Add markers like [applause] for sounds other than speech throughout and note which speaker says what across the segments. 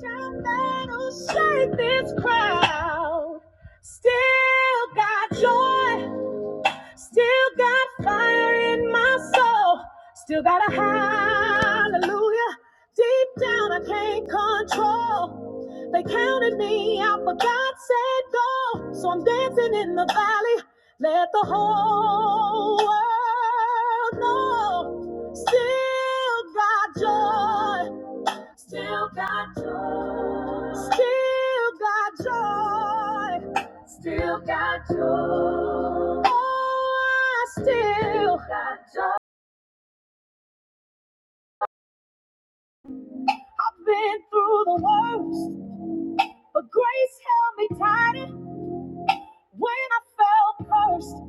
Speaker 1: Shout battles, shake this crowd. Still got joy, still got fire in my soul, still got a hallelujah. Deep down, I can't control. They counted me out, but God said go. So I'm dancing in the valley. Let the whole world know. Still got joy. Still got joy. Still got joy. Still got joy. Oh, I still got joy. I've been through the worst, but grace held me tighter when I felt cursed.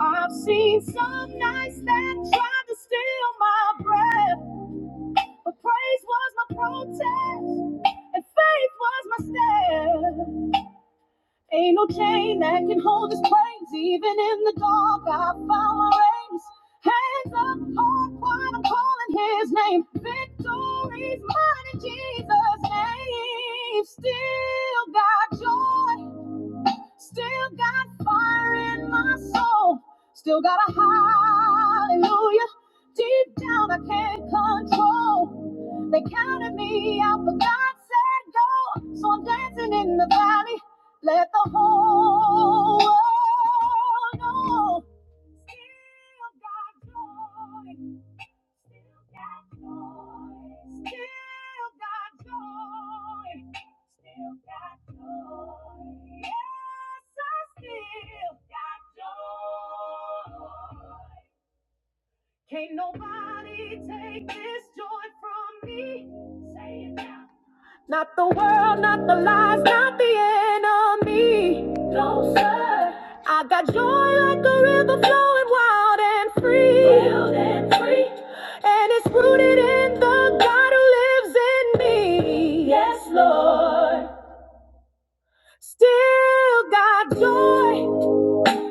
Speaker 1: I've seen some nights that tried to steal my breath, but praise was my protest and faith was my step. Ain't no chain that can hold his praise. Even in the dark, I found my reins. Hands up, heart wide, I'm calling his name. Victory's mine in Jesus' name. Still got joy Still got fire in my soul. Still got a hallelujah. Deep down, I can't control. They counted me out, but God said go. So I'm dancing in the valley. Let the whole world know. Can't nobody take this joy from me. Say it now. Not the world, not the lies, not the enemy. No, sir. I got joy like a river flowing wild and free. Wild and free. And it's rooted in the God who lives in me. Yes, Lord. Still got joy.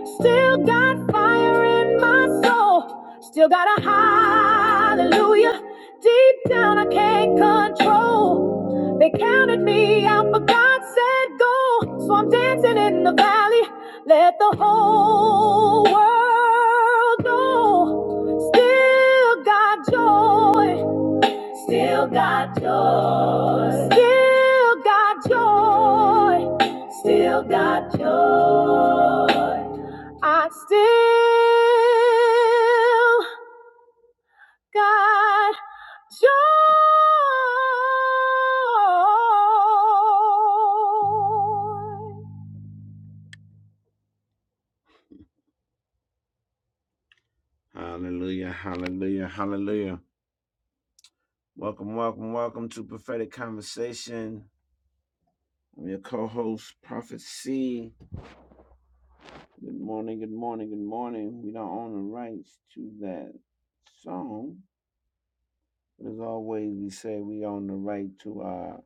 Speaker 1: Still got fire in my soul. Still got a hallelujah. Deep down, I can't control. They counted me out, but God said go. So I'm dancing in the valley. Let the whole world know. Still got joy. Still got joy. Still got joy. Still got joy. I still got joy. Hallelujah, hallelujah, hallelujah. Welcome, welcome, welcome to Prophetic Conversation. I'm your co host, Prophet C. Good morning, good morning, good morning. We don't own the rights to that song. But as always, we say we own the right to our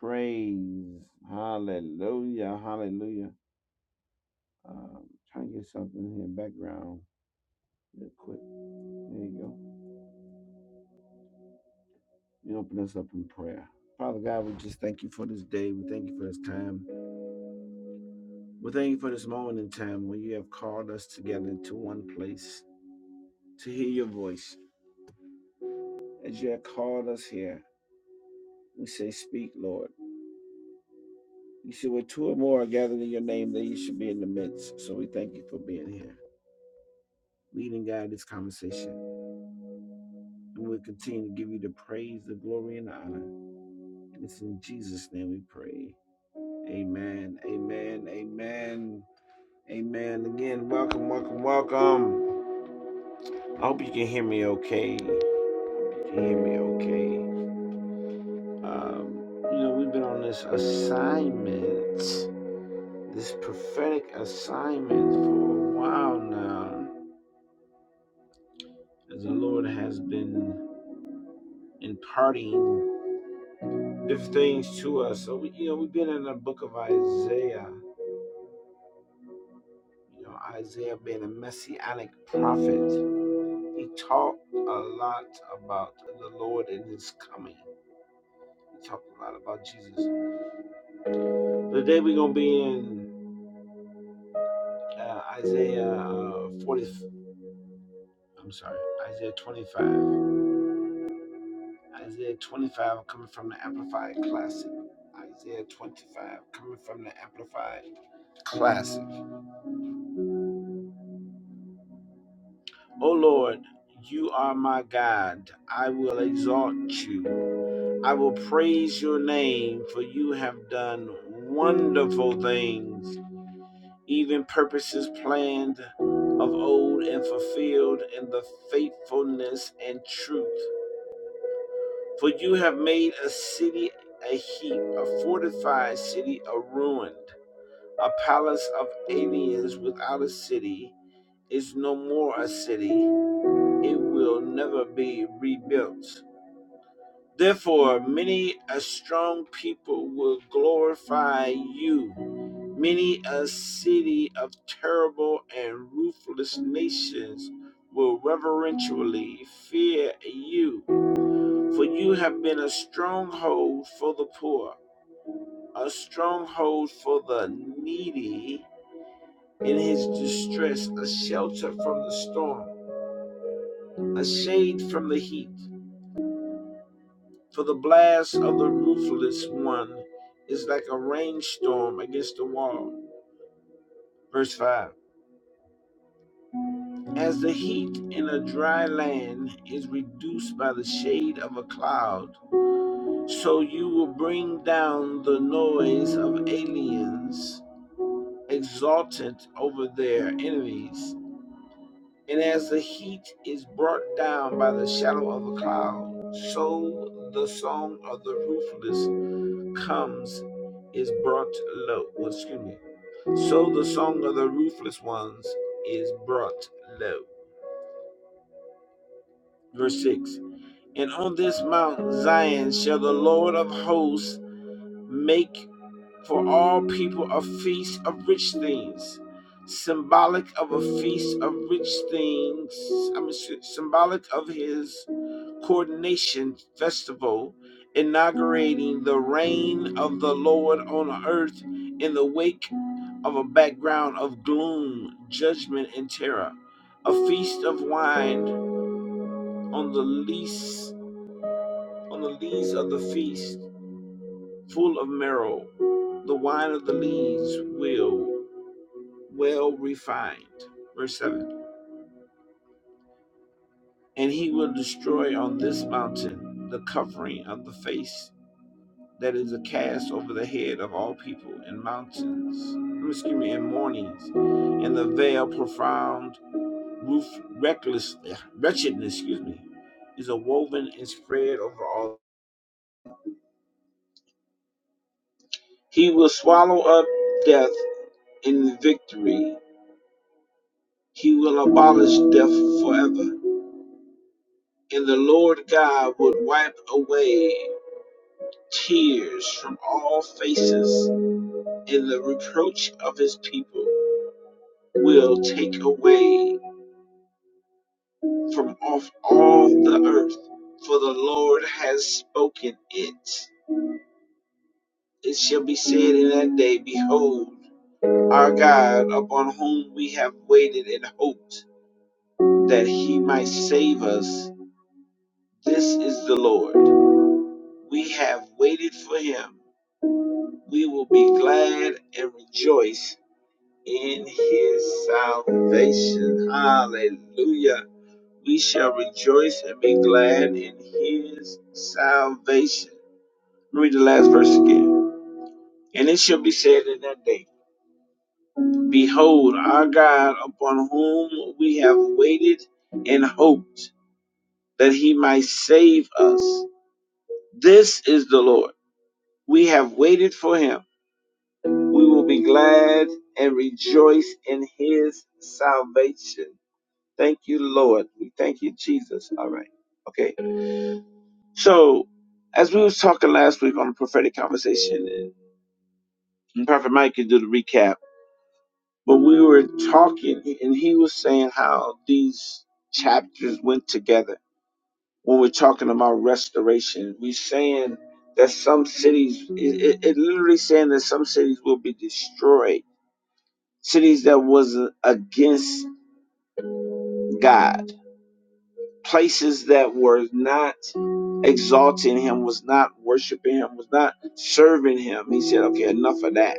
Speaker 1: praise. Hallelujah, hallelujah. Um, try and get something here background real quick. There you go. You open us up in prayer. Father God, we just thank you for this day. We thank you for this time. We thank you for this moment in time where you have called us together into one place to hear your voice. As you have called us here, we say, Speak, Lord. You see, where two or more are gathered in your name, there you should be in the midst. So we thank you for being here. Lead and guide this conversation. And we'll continue to give you the praise, the glory, and the honor. And it's in Jesus' name we pray. Amen. Amen. Amen. Amen. Again, welcome, welcome, welcome. I hope you can hear me okay. You can hear me okay. Um, you know, we've been on this assignment, this prophetic assignment for a while now. as the Lord has been imparting different things to us. So, we, you know, we've been in the book of Isaiah, you know, Isaiah being a messianic prophet. He talked a lot about the Lord and his coming. He talked a lot about Jesus. Today we're going to be in uh, Isaiah uh, 40, I'm sorry, Isaiah 25. Isaiah 25 coming from the Amplified Classic. Isaiah 25 coming from the Amplified Classic. O Lord, you are my God. I will exalt you. I will praise your name, for you have done wonderful things, even purposes planned of old and fulfilled in the faithfulness and truth. For you have made a city a heap, a fortified city a ruined, a palace of aliens without a city is no more a city it will never be rebuilt. Therefore, many a strong people will glorify you. Many a city of terrible and ruthless nations will reverentially fear you, for you have been a stronghold for the poor, a stronghold for the needy in his distress, a shelter from the storm, a shade from the heat. For the blast of the ruthless one is like a rainstorm against the wall. Verse 5 As the heat in a dry land is reduced by the shade of a cloud, so you will bring down the noise of aliens exultant over their enemies. And as the heat is brought down by the shadow of a cloud, so the song of the ruthless comes is brought low. Well, excuse me. So the song of the ruthless ones is brought low. Verse 6 And on this mount Zion shall the Lord of hosts make for all people a feast of rich things, symbolic of a feast of rich things, I mean, symbolic of his coordination festival, inaugurating the reign of the Lord on earth in the wake of a background of gloom, judgment, and terror. A feast of wine on the lees on the lees of the feast, full of marrow, the wine of the lees will well refined. Verse seven. And he will destroy on this mountain the covering of the face that is a cast over the head of all people in mountains, um, excuse me, in mornings, in the veil profound, roof reckless, yeah, wretchedness, excuse me, is a woven and spread over all. He will swallow up death in victory. He will abolish death forever. And the Lord God would wipe away tears from all faces, and the reproach of his people will take away from off all the earth, for the Lord has spoken it. It shall be said in that day, Behold, our God, upon whom we have waited and hoped that he might save us, this is the Lord. We have waited for him. We will be glad and rejoice in his salvation. Hallelujah. We shall rejoice and be glad in his salvation. Read the last verse again. And it shall be said in that day, Behold, our God, upon whom we have waited and hoped that he might save us. This is the Lord. We have waited for him. We will be glad and rejoice in his salvation. Thank you, Lord. We thank you, Jesus. All right. Okay. So, as we was talking last week on the prophetic conversation, and Prophet Mike can do the recap But we were talking, and he was saying how these chapters went together. When we're talking about restoration, we're saying that some cities, it, it it literally saying that some cities will be destroyed. Cities that was against God, places that were not exalting Him, was not worshiping Him, was not serving Him. He said, "Okay, enough of that."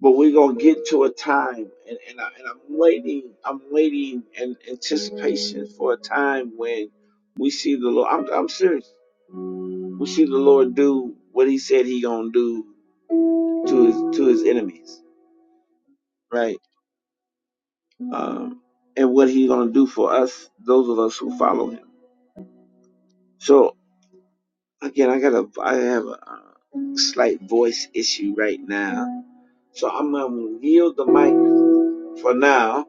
Speaker 1: but we're gonna get to a time and, and, I, and i'm waiting i'm waiting in anticipation for a time when we see the lord i'm, I'm serious we see the lord do what he said he gonna do to his to his enemies right um and what he gonna do for us those of us who follow him so again i got a i have a uh, slight voice issue right now so i'm gonna yield the mic for now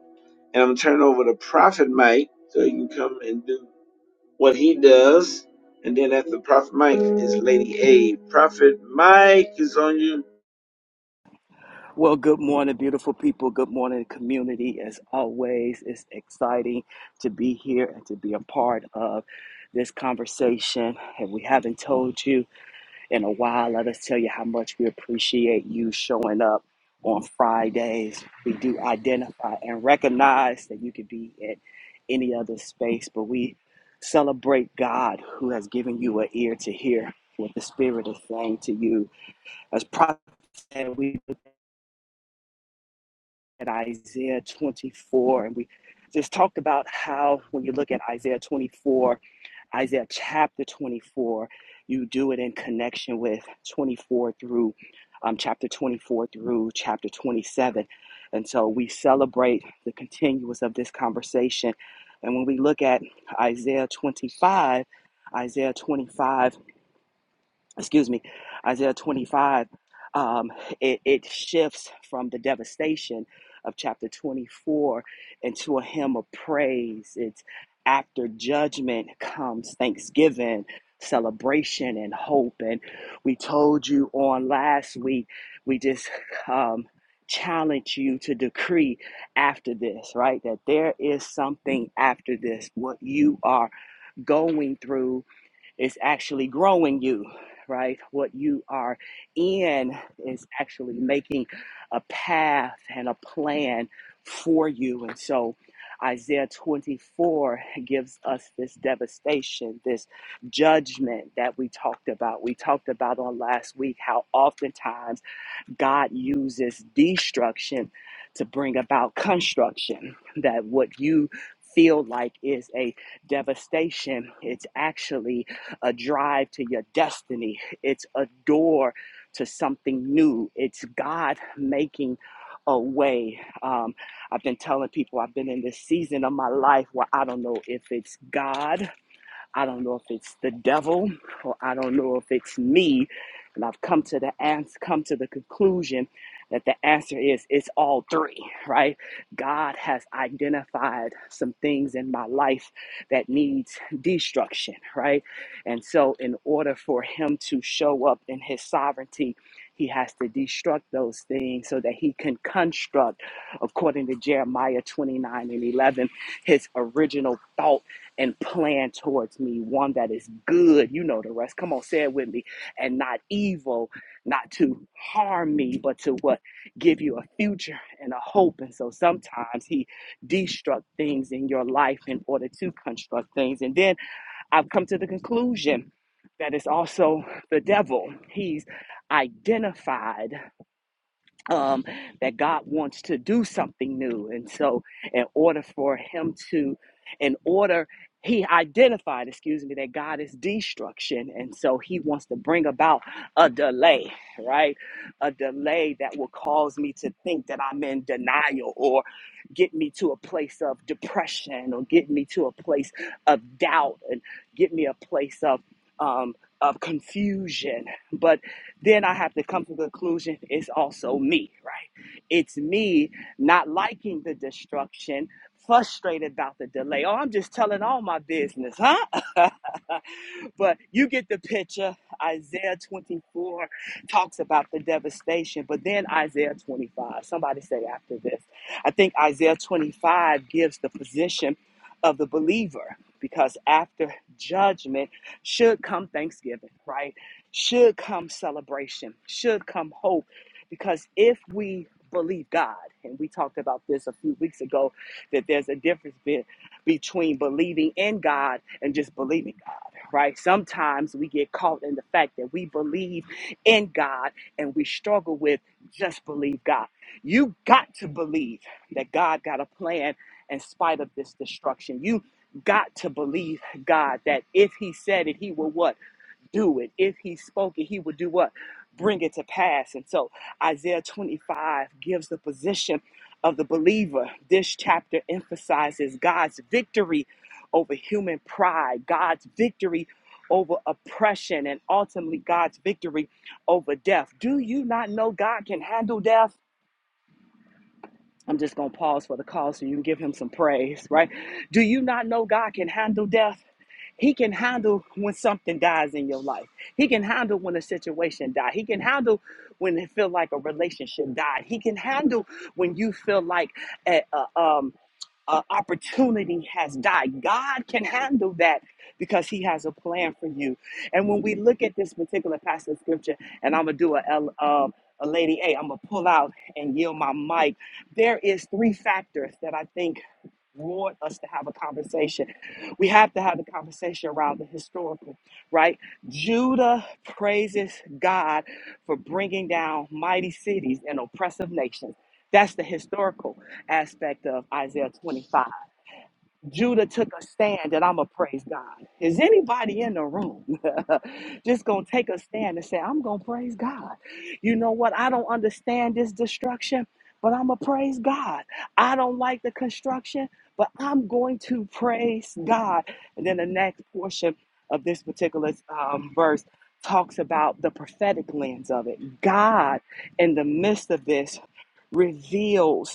Speaker 1: and I'm turning over to Prophet Mike so he can come and do what he does. And then after Prophet Mike is Lady A. Prophet Mike is on you.
Speaker 2: Well, good morning, beautiful people. Good morning, community. As always, it's exciting to be here and to be a part of this conversation. If we haven't told you in a while, let us tell you how much we appreciate you showing up on Fridays. We do identify and recognize that you could be at any other space, but we celebrate God who has given you an ear to hear what the Spirit is saying to you. As prophet, said, we at Isaiah 24, and we just talked about how when you look at Isaiah 24, Isaiah chapter 24, you do it in connection with 24 through um, chapter 24 through chapter 27. And so we celebrate the continuance of this conversation. And when we look at Isaiah 25, Isaiah 25 excuse me, Isaiah 25, um, it, it shifts from the devastation of chapter 24 into a hymn of praise. It's after judgment comes thanksgiving, celebration, and hope. And we told you on last week, we just um, challenge you to decree after this, right? That there is something after this, what you are going through is actually growing you, right? What you are in is actually making a path and a plan for you. And so Isaiah 24 gives us this devastation, this judgment that we talked about. We talked about on last week how oftentimes God uses destruction to bring about construction. That what you feel like is a devastation, it's actually a drive to your destiny, it's a door to something new, it's God making a way. Um, I've been telling people I've been in this season of my life where I don't know if it's God I don't know if it's the devil or I don't know if it's me. And I've come to the ans- come to the conclusion that the answer is it's all three, right? God has identified some things in my life that needs destruction, right? And so in order for him to show up in his sovereignty, he has to destruct those things so that he can construct, according to Jeremiah 29 and 11, his original thought and plan towards me one that is good. You know the rest. Come on, say it with me. And not evil, not to harm me, but to what? Give you a future and a hope. And so sometimes he destruct things in your life in order to construct things. And then I've come to the conclusion that it's also the devil. He's identified um, that God wants to do something new. And so, in order for him to, in order, he identified, excuse me, that God is destruction. And so he wants to bring about a delay, right? A delay that will cause me to think that I'm in denial or get me to a place of depression or get me to a place of doubt and get me a place of, um, of confusion. But then I have to come to the conclusion it's also me, right? It's me not liking the destruction, frustrated about the delay. Oh, I'm just telling all my business, huh? [laughs] but you get the picture. Isaiah 24 talks about the devastation, but then Isaiah 25, somebody say after this. I think Isaiah 25 gives the position of the believer because after judgment should come thanksgiving, right? should come celebration, should come hope. Because if we believe God, and we talked about this a few weeks ago, that there's a difference be- between believing in God and just believing God, right? Sometimes we get caught in the fact that we believe in God and we struggle with just believe God. You got to believe that God got a plan in spite of this destruction. You got to believe God that if He said it, He will what? do it. If he spoke it, he would do what? Bring it to pass. And so Isaiah 25 gives the position of the believer. This chapter emphasizes God's victory over human pride, God's victory over oppression, and ultimately God's victory over death. Do you not know God can handle death? I'm just going to pause for the call so you can give him some praise, right? Do you not know God can handle death? He can handle when something dies in your life. He can handle when a situation dies. He can handle when it feel like a relationship died. He can handle when you feel like a, a, um, uh, opportunity has died. God can handle that because He has a plan for you. And when we look at this particular passage of scripture, and I'm gonna do a um, a lady A, I'm gonna pull out and yield my mic there is three factors that I think warrant us to have a conversation. We have to have the conversation around the historical, right? Judah praises God for bringing down mighty cities and oppressive nations. That's the historical aspect of Isaiah 25. Judah took a stand and I'm going to praise God. Is anybody in the room [laughs] just going to take a stand and say, I'm going to praise God? You know what? I don't understand this destruction, but I'm going to praise God. I don't like the construction, but I'm going to praise God. And then the next portion of this particular um, verse talks about the prophetic lens of it. God, in the midst of this, reveals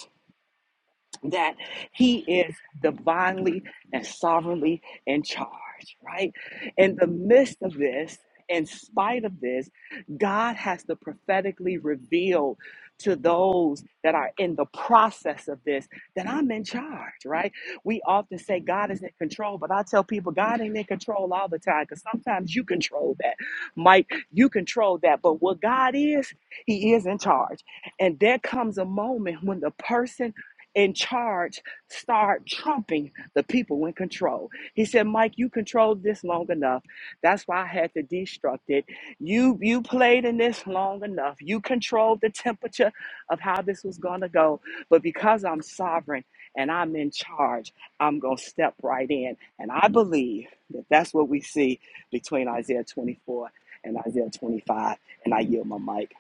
Speaker 2: that he is divinely and sovereignly in charge, right? In the midst of this, in spite of this, God has to prophetically reveal to those that are in the process of this that I'm in charge, right? We often say God is in control, but I tell people God ain't in control all the time because sometimes you control that. Mike, you control that. But what God is, He is in charge. And there comes a moment when the person in charge start trumping the people in control. He said, Mike, you controlled this long enough. That's why I had to destruct it. You you played in this long enough. You controlled the temperature of how this was gonna go. But because I'm sovereign and I'm in charge, I'm gonna step right in. And I believe that that's what we see between Isaiah 24 and Isaiah 25. And I yield my mic.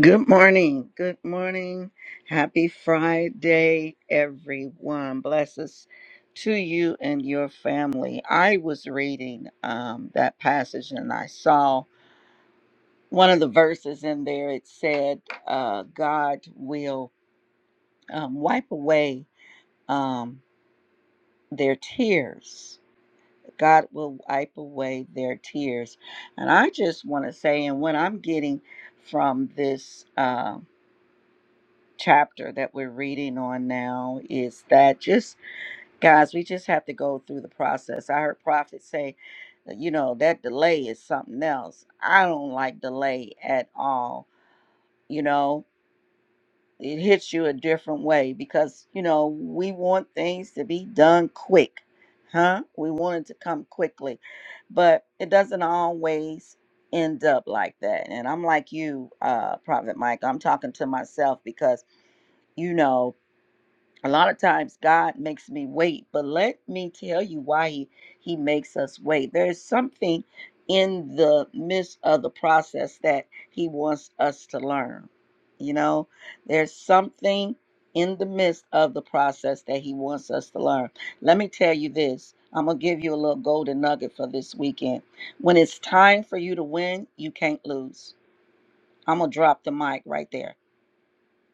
Speaker 3: Good morning. Good morning. Happy Friday, everyone. Blesses to you and your family. I was reading um, that passage and I saw one of the verses in there. It said, uh, God will um, wipe away um, their tears. God will wipe away their tears. And I just want to say, and what I'm getting from this. Um, chapter that we're reading on now is that just guys we just have to go through the process i heard prophet say uh, you know that delay is something else i don't like delay at all you know it hits you a different way because you know we want things to be done quick huh we want it to come quickly but it doesn't always end up like that and i'm like you uh prophet mike i'm talking to myself because you know a lot of times God makes me wait, but let me tell you why he, he makes us wait. There is something in the midst of the process that he wants us to learn. You know, there's something in the midst of the process that he wants us to learn. Let me tell you this. I'm going to give you a little golden nugget for this weekend. When it's time for you to win, you can't lose. I'm going to drop the mic right there.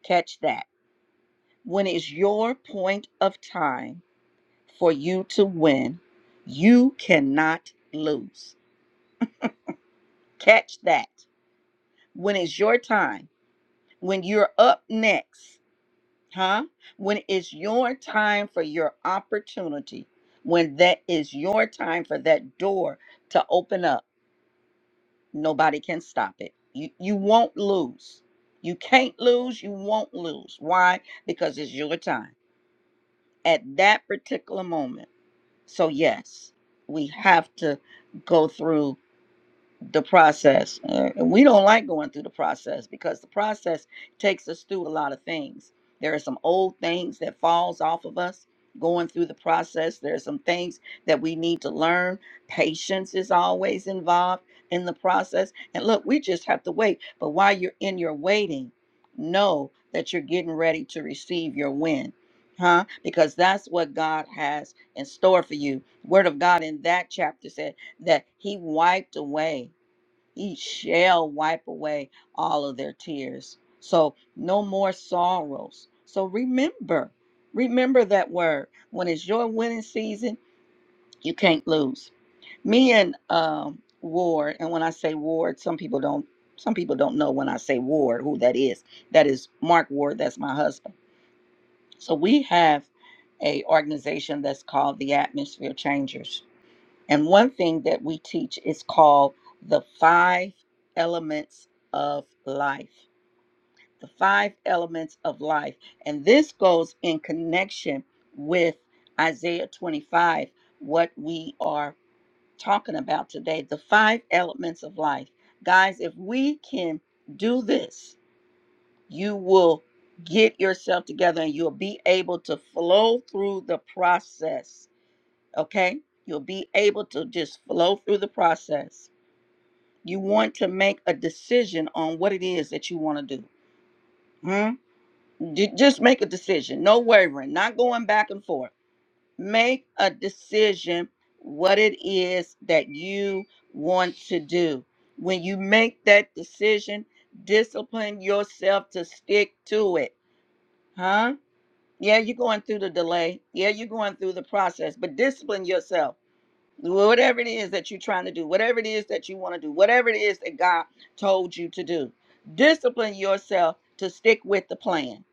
Speaker 3: Catch that. When it's your point of time, for you to win. You cannot lose. Catch that. When it's your time, when you're up next, huh? When it's your time for your opportunity, when that is your time for that door to open up, nobody can stop it. You you won't lose. You can't lose, you won't lose. Why? Because it's your time at that particular moment. So yes, we have to go through the process. Uh, and we don't like going through the process because the process takes us through a lot of things. There are some old things that falls off of us going through the process. There are some things that we need to learn. Patience is always involved in the process. And look, we just have to wait. But while you're in your waiting, know that you're getting ready to receive your win. Huh? Because that's what God has in store for you. Word of God in that chapter said that He wiped away he shall wipe away all of their tears. So no more sorrows. So remember, remember that word. When it's your winning season, you can't lose. Me and um, Ward, and when I say Ward, some people don't. Some people don't know when I say Ward who that is. That is Mark Ward. That's my husband. So we have a organization that's called the Atmosphere Changers and one thing that we teach is called the five elements of life. The five elements of life. And this goes in connection with Isaiah 25, what we are talking about today. The five elements of life. Guys, if we can do this, you will get yourself together and you'll be able to flow through the process okay? You'll be able to just flow through the process. You want to make a decision on what it is that you want to do. Hmm? Ju- Just make a decision. No wavering, not going back and forth. Make a decision what it is that you want to do. When you make that decision, discipline yourself to stick to it. Huh? Yeah, you're going through the delay. Yeah, you're going through the process, but discipline yourself whatever it is that you're trying to do, whatever it is that you want to do, whatever it is that God told you to do. Discipline yourself to stick with the plan,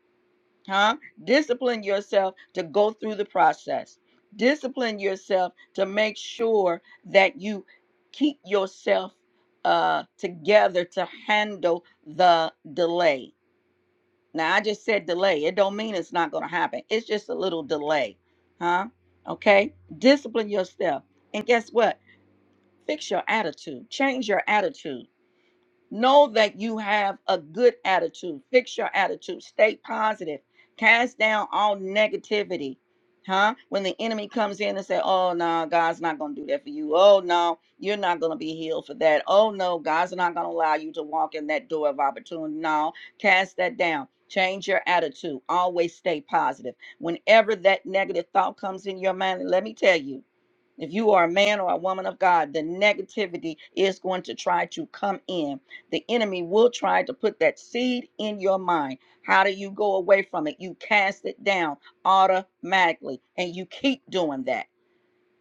Speaker 3: huh? Discipline yourself to go through the process. Discipline yourself to make sure that you keep yourself uh, together to handle the delay. Now, I just said delay. It don't mean it's not going to happen. It's just a little delay, huh? Okay? Discipline yourself. And guess what? Fix your attitude. Change your attitude. Know that you have a good attitude. Fix your attitude. Stay positive. Cast down all negativity. Huh? When the enemy comes in and say, "Oh no, God's not going to do that for you. Oh no, you're not going to be healed for that. Oh no, God's not going to allow you to walk in that door of opportunity." No, cast that down. Change your attitude. Always stay positive. Whenever that negative thought comes in your mind, let me tell you, if you are a man or a woman of God, the negativity is going to try to come in. The enemy will try to put that seed in your mind. How do you go away from it? You cast it down automatically, and you keep doing that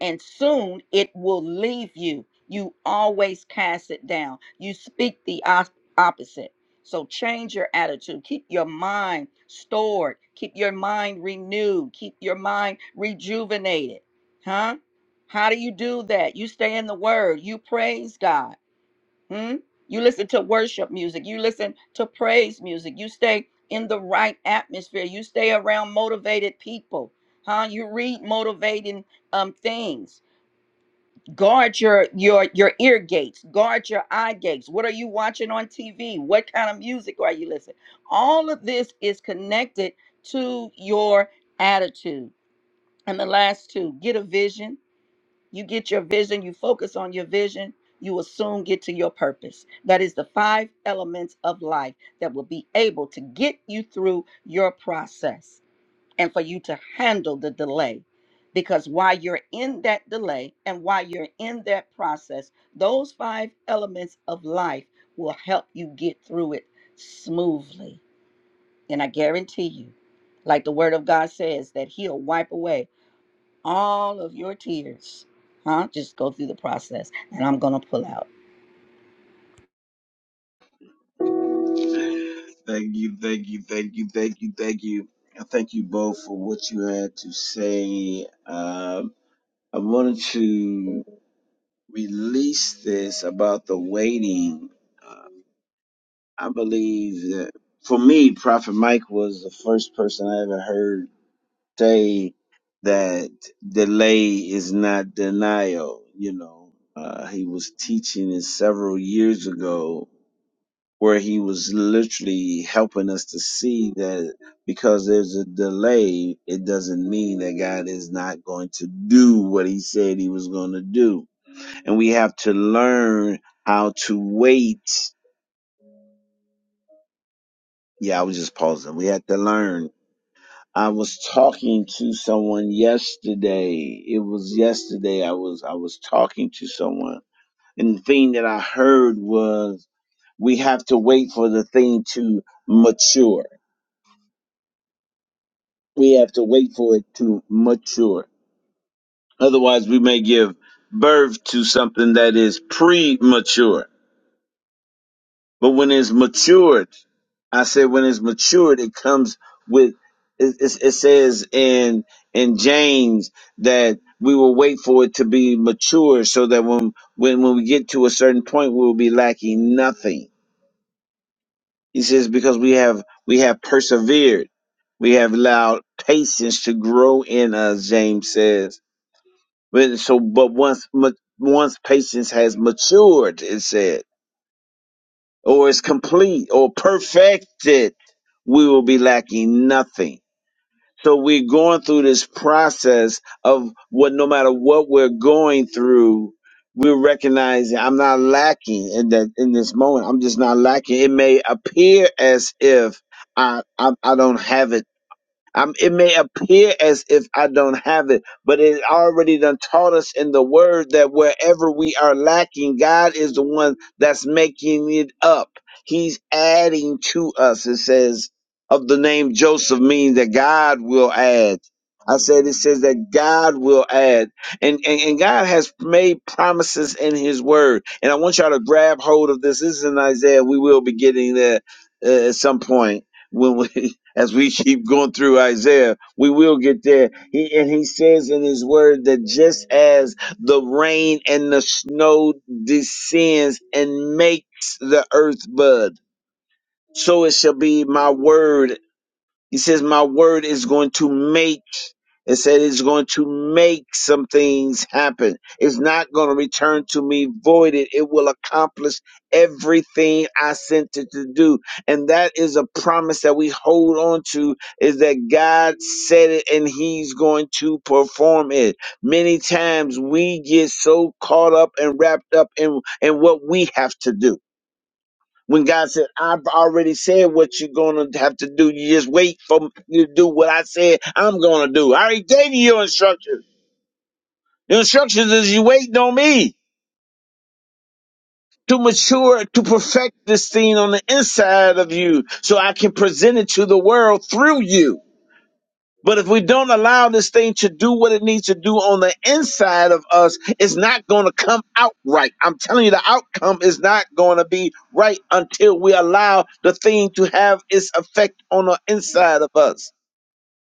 Speaker 3: and soon it will leave you. You always cast it down. You speak the op- opposite. So change your attitude. Keep your mind stored. Keep your mind renewed. Keep your mind rejuvenated. Huh? How do you do that? You stay in the word. You praise God. Hmm? You listen to worship music. You listen to praise music. You stay in the right atmosphere. You stay around motivated people. Huh? You read motivating um things guard your your your ear gates guard your eye gates what are you watching on tv what kind of music are you listening all of this is connected to your attitude and the last two get a vision you get your vision you focus on your vision you will soon get to your purpose that is the five elements of life that will be able to get you through your process and for you to handle the delay. Because while you're in that delay and while you're in that process, those five elements of life will help you get through it smoothly. And I guarantee you, like the word of God says, that He'll wipe away all of your tears. Huh? Just go through the process and I'm going to pull out.
Speaker 1: Thank you, thank you, thank you, thank you, thank you. And thank you both for what you had to say. Um, I wanted to release this about the waiting. Uh, I believe that for me, Prophet Mike was the first person I ever heard say that delay is not denial. You know, uh, he was teaching it several years ago where he was literally helping us to see that because there's a delay, it doesn't mean that God is not going to do what he said he was going to do. And we have to learn how to wait. Yeah, I was just pausing. We have to learn I was talking to someone yesterday. It was yesterday I was I was talking to someone and the thing that I heard was we have to wait for the thing to mature. We have to wait for it to mature. Otherwise we may give birth to something that is premature. But when it's matured, I said when it's matured, it comes with. It, it, it says in in James that we will wait for it to be mature, so that when when when we get to a certain point, we will be lacking nothing. He says because we have we have persevered, we have allowed patience to grow in us. James says. But so, but once ma- once patience has matured, it said. or is complete or perfected, we will be lacking nothing. So we're going through this process of what, no matter what we're going through, we're recognizing I'm not lacking in that in this moment. I'm just not lacking. It may appear as if I I, I don't have it um, it may appear as if I don't have it, but it already done taught us in the word that wherever we are lacking, God is the one that's making it up. He's adding to us. It says of the name Joseph means that God will add. I said it says that God will add. And, and and God has made promises in his word. And I want y'all to grab hold of this. This is in Isaiah. We will be getting there uh, at some point when we [laughs] as we keep going through Isaiah, we will get there. He and he says in his word that just as the rain and the snow descends and makes the earth bud, so it shall be my word he says, My word is going to make, it said it's going to make some things happen. It's not going to return to me voided. It will accomplish everything I sent it to do. And that is a promise that we hold on to is that God said it and he's going to perform it. Many times we get so caught up and wrapped up in, in what we have to do when God said, I've already said what you're going to have to do. You just wait for you to do what I said I'm going to do. I already gave you your instructions. Your instructions is you waiting on me to mature, to perfect this thing on the inside of you so I can present it to the world through you. But if we don't allow this thing to do what it needs to do on the inside of us, it's not going to come out right. I'm telling you, the outcome is not going to be right until we allow the thing to have its effect on the inside of us.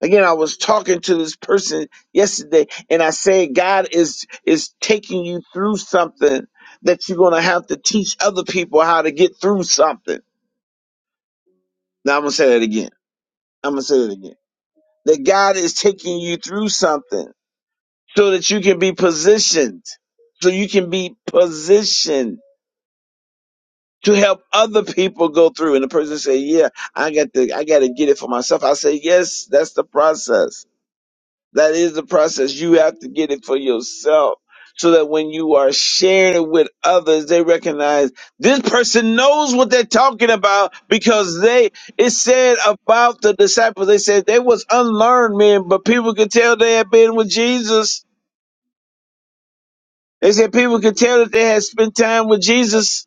Speaker 1: Again, I was talking to this person yesterday, and I said, God is is taking you through something that you're going to have to teach other people how to get through something. Now I'm gonna say that again. I'm gonna say that again. That God is taking you through something so that you can be positioned, so you can be positioned to help other people go through. And the person say, "Yeah, I got to, I got to get it for myself." I say, "Yes, that's the process. That is the process. You have to get it for yourself." So that when you are sharing it with others, they recognize this person knows what they're talking about because they, it said about the disciples, they said they was unlearned men, but people could tell they had been with Jesus They said people could tell that they had spent time with Jesus.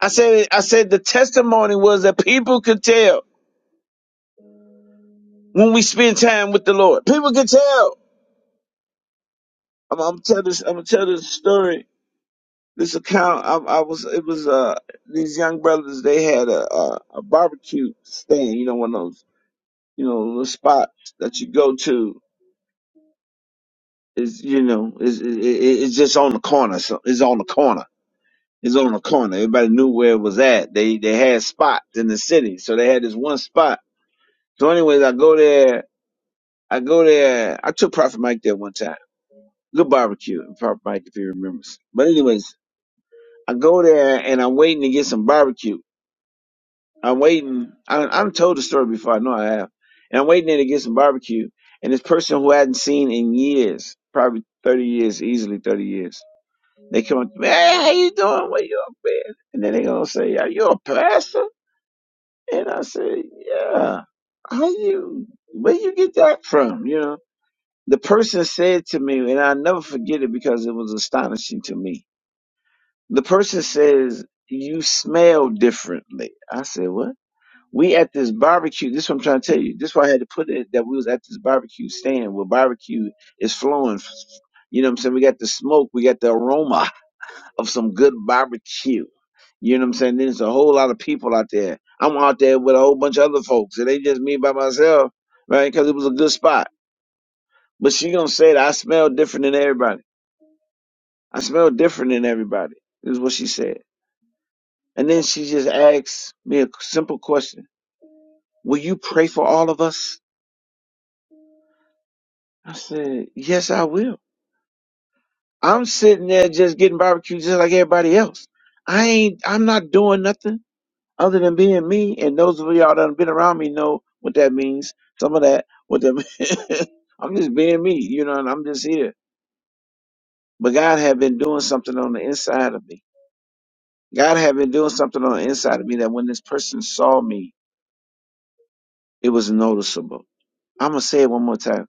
Speaker 1: I said, I said the testimony was that people could tell when we spend time with the Lord. People could tell. I'm, I'm tell this. I'm gonna tell this story. This account. I, I was. It was uh these young brothers. They had a, a a barbecue stand. You know, one of those you know little spots that you go to is you know is it, it, it's just on the corner. So it's on the corner It's on the corner. Everybody knew where it was at. They they had spots in the city, so they had this one spot. So, anyways, I go there. I go there. I took Prophet Mike there one time. Good barbecue, Prophet Mike, if he remembers. But anyways, I go there and I'm waiting to get some barbecue. I'm waiting. I, I've told the story before. I know I have. And I'm waiting there to get some barbecue. And this person who I hadn't seen in years, probably 30 years, easily 30 years, they come up, man, how you doing? What you up, man? And then they going to say, are you a pastor? And I said, yeah, how you, where you get that from? You know, the person said to me, and I'll never forget it because it was astonishing to me. The person says, you smell differently. I said, what? We at this barbecue. This is what I'm trying to tell you. This is why I had to put it that we was at this barbecue stand where barbecue is flowing. You know what I'm saying? We got the smoke. We got the aroma of some good barbecue. You know what I'm saying? Then there's a whole lot of people out there. I'm out there with a whole bunch of other folks. It ain't just me by myself, right? Because it was a good spot. But she gonna say that I smell different than everybody. I smell different than everybody. Is what she said. And then she just asked me a simple question: Will you pray for all of us? I said, Yes, I will. I'm sitting there just getting barbecue just like everybody else. I ain't. I'm not doing nothing. Other than being me, and those of y'all that have been around me know what that means. Some of that, what that [laughs] I'm just being me, you know, and I'm just here. But God had been doing something on the inside of me. God had been doing something on the inside of me that when this person saw me, it was noticeable. I'm gonna say it one more time.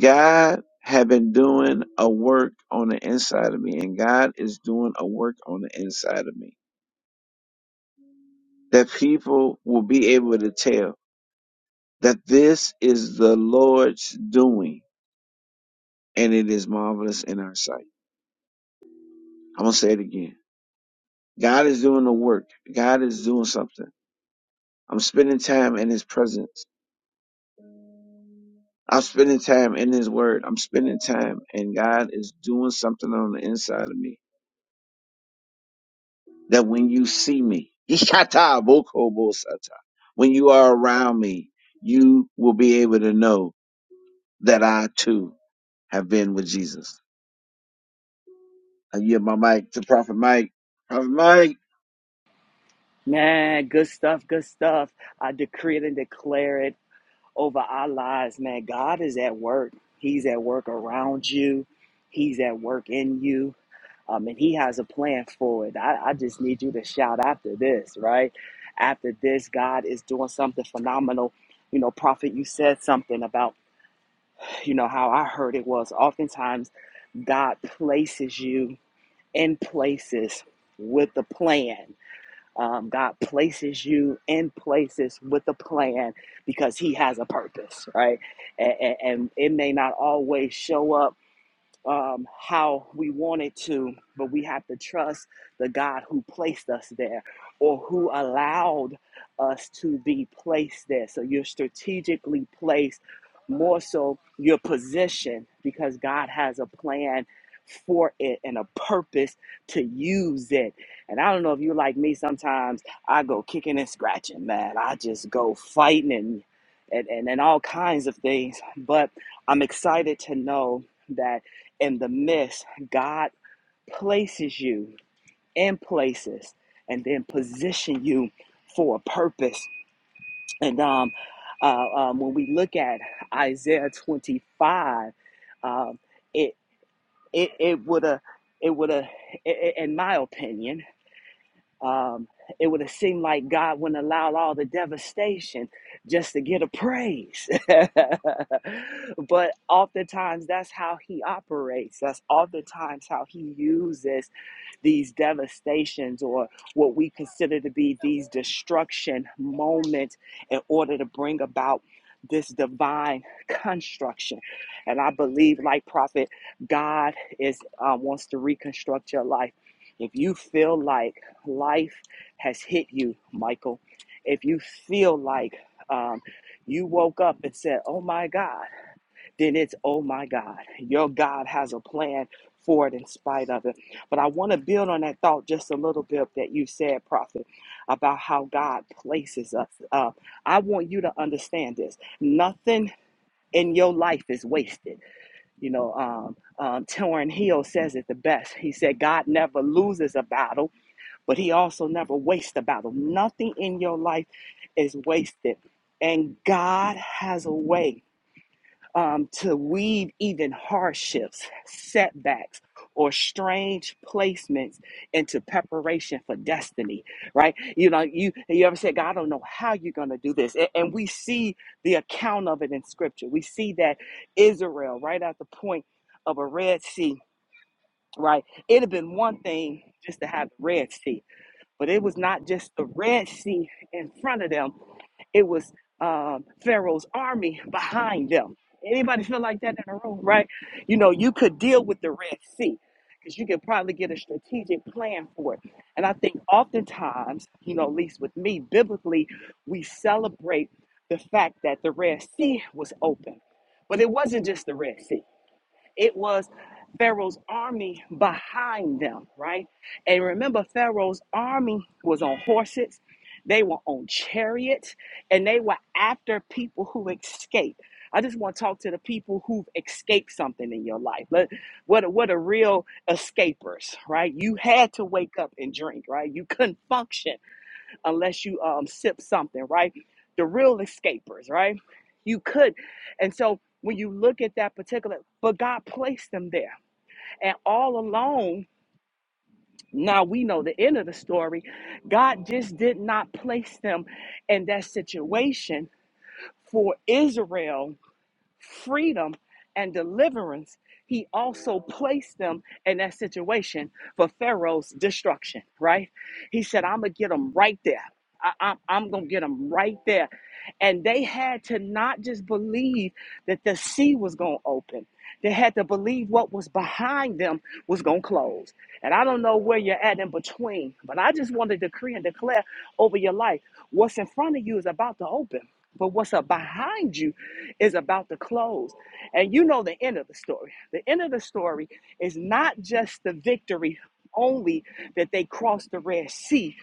Speaker 1: God had been doing a work on the inside of me, and God is doing a work on the inside of me that people will be able to tell that this is the Lord's doing. and it is marvelous in our sight. I'm gonna say it again. God is doing the work. God is doing something. I'm spending time in His presence. I'm spending time in His Word. I'm spending time, and God is doing something on the inside of me. That when you see me, [laughs] Ishata bokobo when you are around me, you will be able to know that I too have been with Jesus. I give my mic to Prophet Mike. Prophet Mike.
Speaker 2: Man, good stuff, good stuff. I decree it and declare it over our lives, man. God is at work. He's at work around you. He's at work in you. Um, and he has a plan for it. I, I just need you to shout after this, right? After this, God is doing something phenomenal. You know, Prophet, you said something about, you know, how I heard it was oftentimes God places you in places with a plan um, God places you in places with a plan because He has a purpose, right? And, and, and it may not always show up um, how we wanted to, but we have to trust the God who placed us there or who allowed us to be placed there. So you're strategically placed, more so your position, because God has a plan for it and a purpose to use it. And I don't know if you like me, sometimes I go kicking and scratching, man. I just go fighting and and, and, and all kinds of things. But I'm excited to know that in the midst, God places you in places and then position you for a purpose. And um, uh, um, when we look at Isaiah 25, um, it it it would have it would have, in my opinion, um, it would have seemed like God wouldn't allow all the devastation just to get a praise. [laughs] but oftentimes, that's how He operates. That's oftentimes how He uses these devastations or what we consider to be these destruction moments in order to bring about this divine construction and i believe like prophet god is uh, wants to reconstruct your life if you feel like life has hit you michael if you feel like um, you woke up and said oh my god then it's oh my God, your God has a plan for it in spite of it. But I want to build on that thought just a little bit that you said, Prophet, about how God places us. Uh, I want you to understand this. Nothing in your life is wasted. You know, um, um, Torrin Hill says it the best. He said, God never loses a battle, but he also never wastes a battle. Nothing in your life is wasted. And God has a way um, to weave even hardships, setbacks, or strange placements into preparation for destiny, right? You know, you you ever said, God, I don't know how you're gonna do this. A- And, we see the account of it in scripture. We see that Israel, right at the point of a Red Sea, right? it had been one thing just to have the Red Sea. But it was not just the Red Sea in front of them, it was um, Pharaoh's army behind them. Anybody feel like that in the room, right? You know, you could deal with the Red Sea because you could probably get a strategic plan for it. And I think oftentimes, you know, at least with me, biblically, we celebrate the fact that the Red Sea was open. But it wasn't just the Red Sea. It was Pharaoh's army behind them, right? And remember, Pharaoh's army was on horses, they were on chariots, and they were after people who escaped. I just want to talk to the people who've escaped something in your life. Let, what, what are real escapers, right? You had to wake up and drink, right? You couldn't function unless you um, sip something, right? The real escapers, right? You could. And so when you look at that particular, but God placed them there. And all along, now we know the end of the story, God just did not place them in that situation for Israel freedom and deliverance, he also placed them in that situation for Pharaoh's destruction, right? He said, I'm going to get them right there. I, I, I'm going to get them right there. And they had to not just believe that the sea was going to open, they had to believe what was behind them was going to close. And I don't know where you're at in between, but I just want to decree and declare over your life what's in front of you is about to open. But what's up behind you is about to close. And you know the end of the story. The end of the story is not just the victory only that they crossed the Red Sea.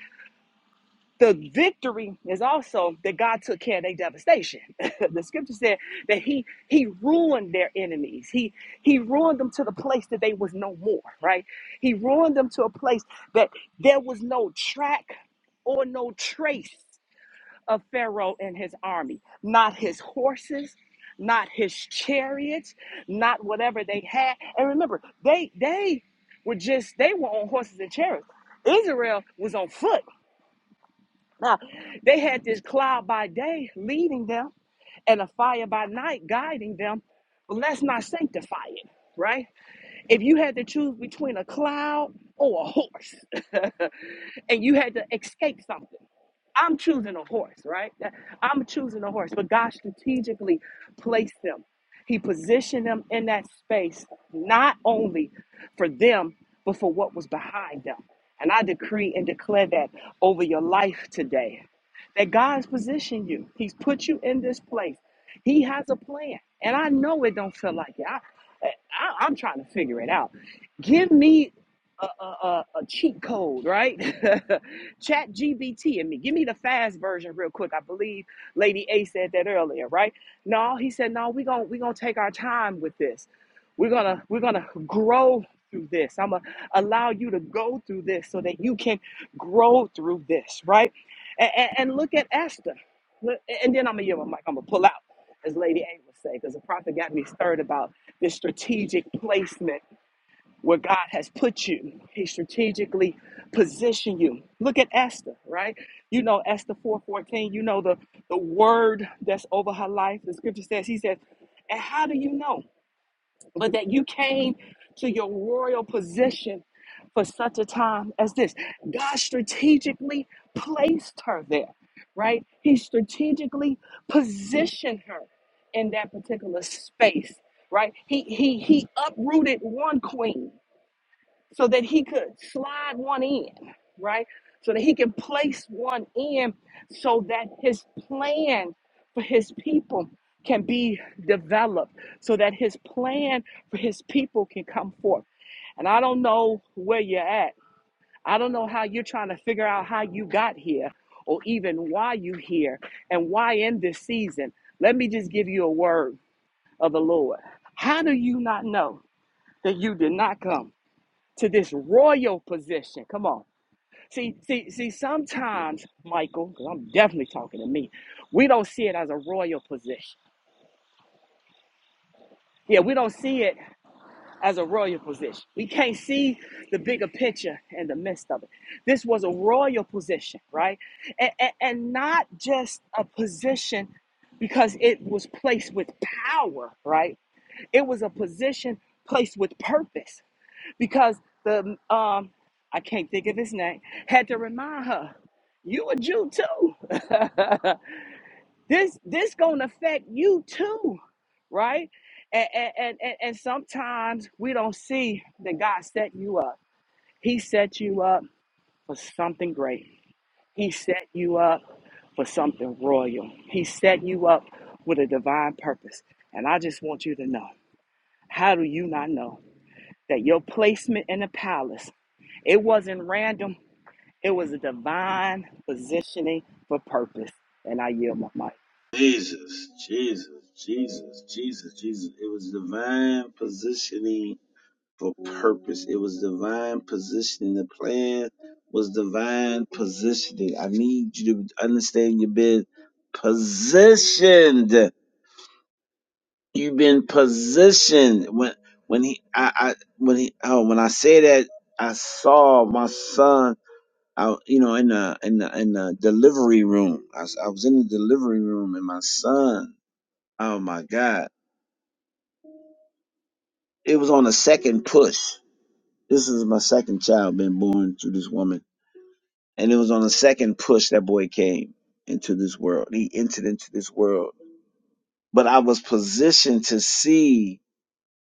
Speaker 2: The victory is also that God took care of their devastation. [laughs] the scripture said that He He ruined their enemies. He He ruined them to the place that they was no more, right? He ruined them to a place that there was no track or no trace of Pharaoh and his army, not his horses, not his chariots, not whatever they had. And remember, they they were just they were on horses and chariots. Israel was on foot. Now, they had this cloud by day leading them and a fire by night guiding them. But let's not sanctify it, right? If you had to choose between a cloud or a horse [laughs] and you had to escape something, I'm choosing a horse, right? I'm choosing a horse, but God strategically placed them. He positioned them in that space, not only for them, but for what was behind them. And I decree and declare that over your life today that God has positioned you, He's put you in this place. He has a plan. And I know it don't feel like it. I, I, I'm trying to figure it out. Give me a, a, a cheat code, right? [laughs] Chat GBT and me. Give me the fast version real quick. I believe Lady A said that earlier, right? No, he said, no, we're gonna we're gonna take our time with this. We're gonna we're gonna grow through this. I'm gonna allow you to go through this so that you can grow through this, right? And, and, and look at Esther. Look- And then I'm gonna give a mic. I'm gonna pull out, as Lady A would say, because the prophet got me stirred about this strategic placement where God has put you. He strategically positioned you. Look at Esther, right? You know Esther 4:14, you know the the word that's over her life. The scripture says he says, "And how do you know but that you came to your royal position for such a time as this?" God strategically placed her there, right? He strategically positioned her in that particular space, right? He he he uprooted one queen so that he could slide one in, right? So that he can place one in so that his plan for his people can be developed, so that his plan for his people can come forth. And I don't know where you're at. I don't know how you're trying to figure out how you got here or even why you here and why in this season. Let me just give you a word of the Lord. How do you not know that you did not come? to this royal position. Come on. See, see, see, sometimes, Michael, because 'cause I'm definitely talking to me, we don't see it as a royal position. Yeah, we don't see it as a royal position. We can't see the bigger picture in the midst of it. This was a royal position, right? And, and, and not just a position because it was placed with power, right? It was a position placed with purpose because the um I can't think of his name had to remind her, you a Jew too. [laughs] this this gonna affect you too, right? And and and, and and sometimes we don't see that God set you up. He set you up for something great. He set you up for something royal. He set you up with a divine purpose. And I just want you to know, how do you not know? that your placement in the palace, it wasn't random, it was a divine positioning for purpose. And I yield my mic.
Speaker 1: Jesus, Jesus, Jesus, Jesus, Jesus. It was divine positioning for purpose. It was divine positioning. The plan was divine positioning. I need you to understand you've been positioned. You've been positioned. When when he I, I when he oh when I say that I saw my son out you know in the in the in the delivery room. I, was- I was in the delivery room and my son Oh my God. It was on the second push. This is my second child being born to this woman. And it was on the second push that boy came into this world. He entered into this world. But I was positioned to see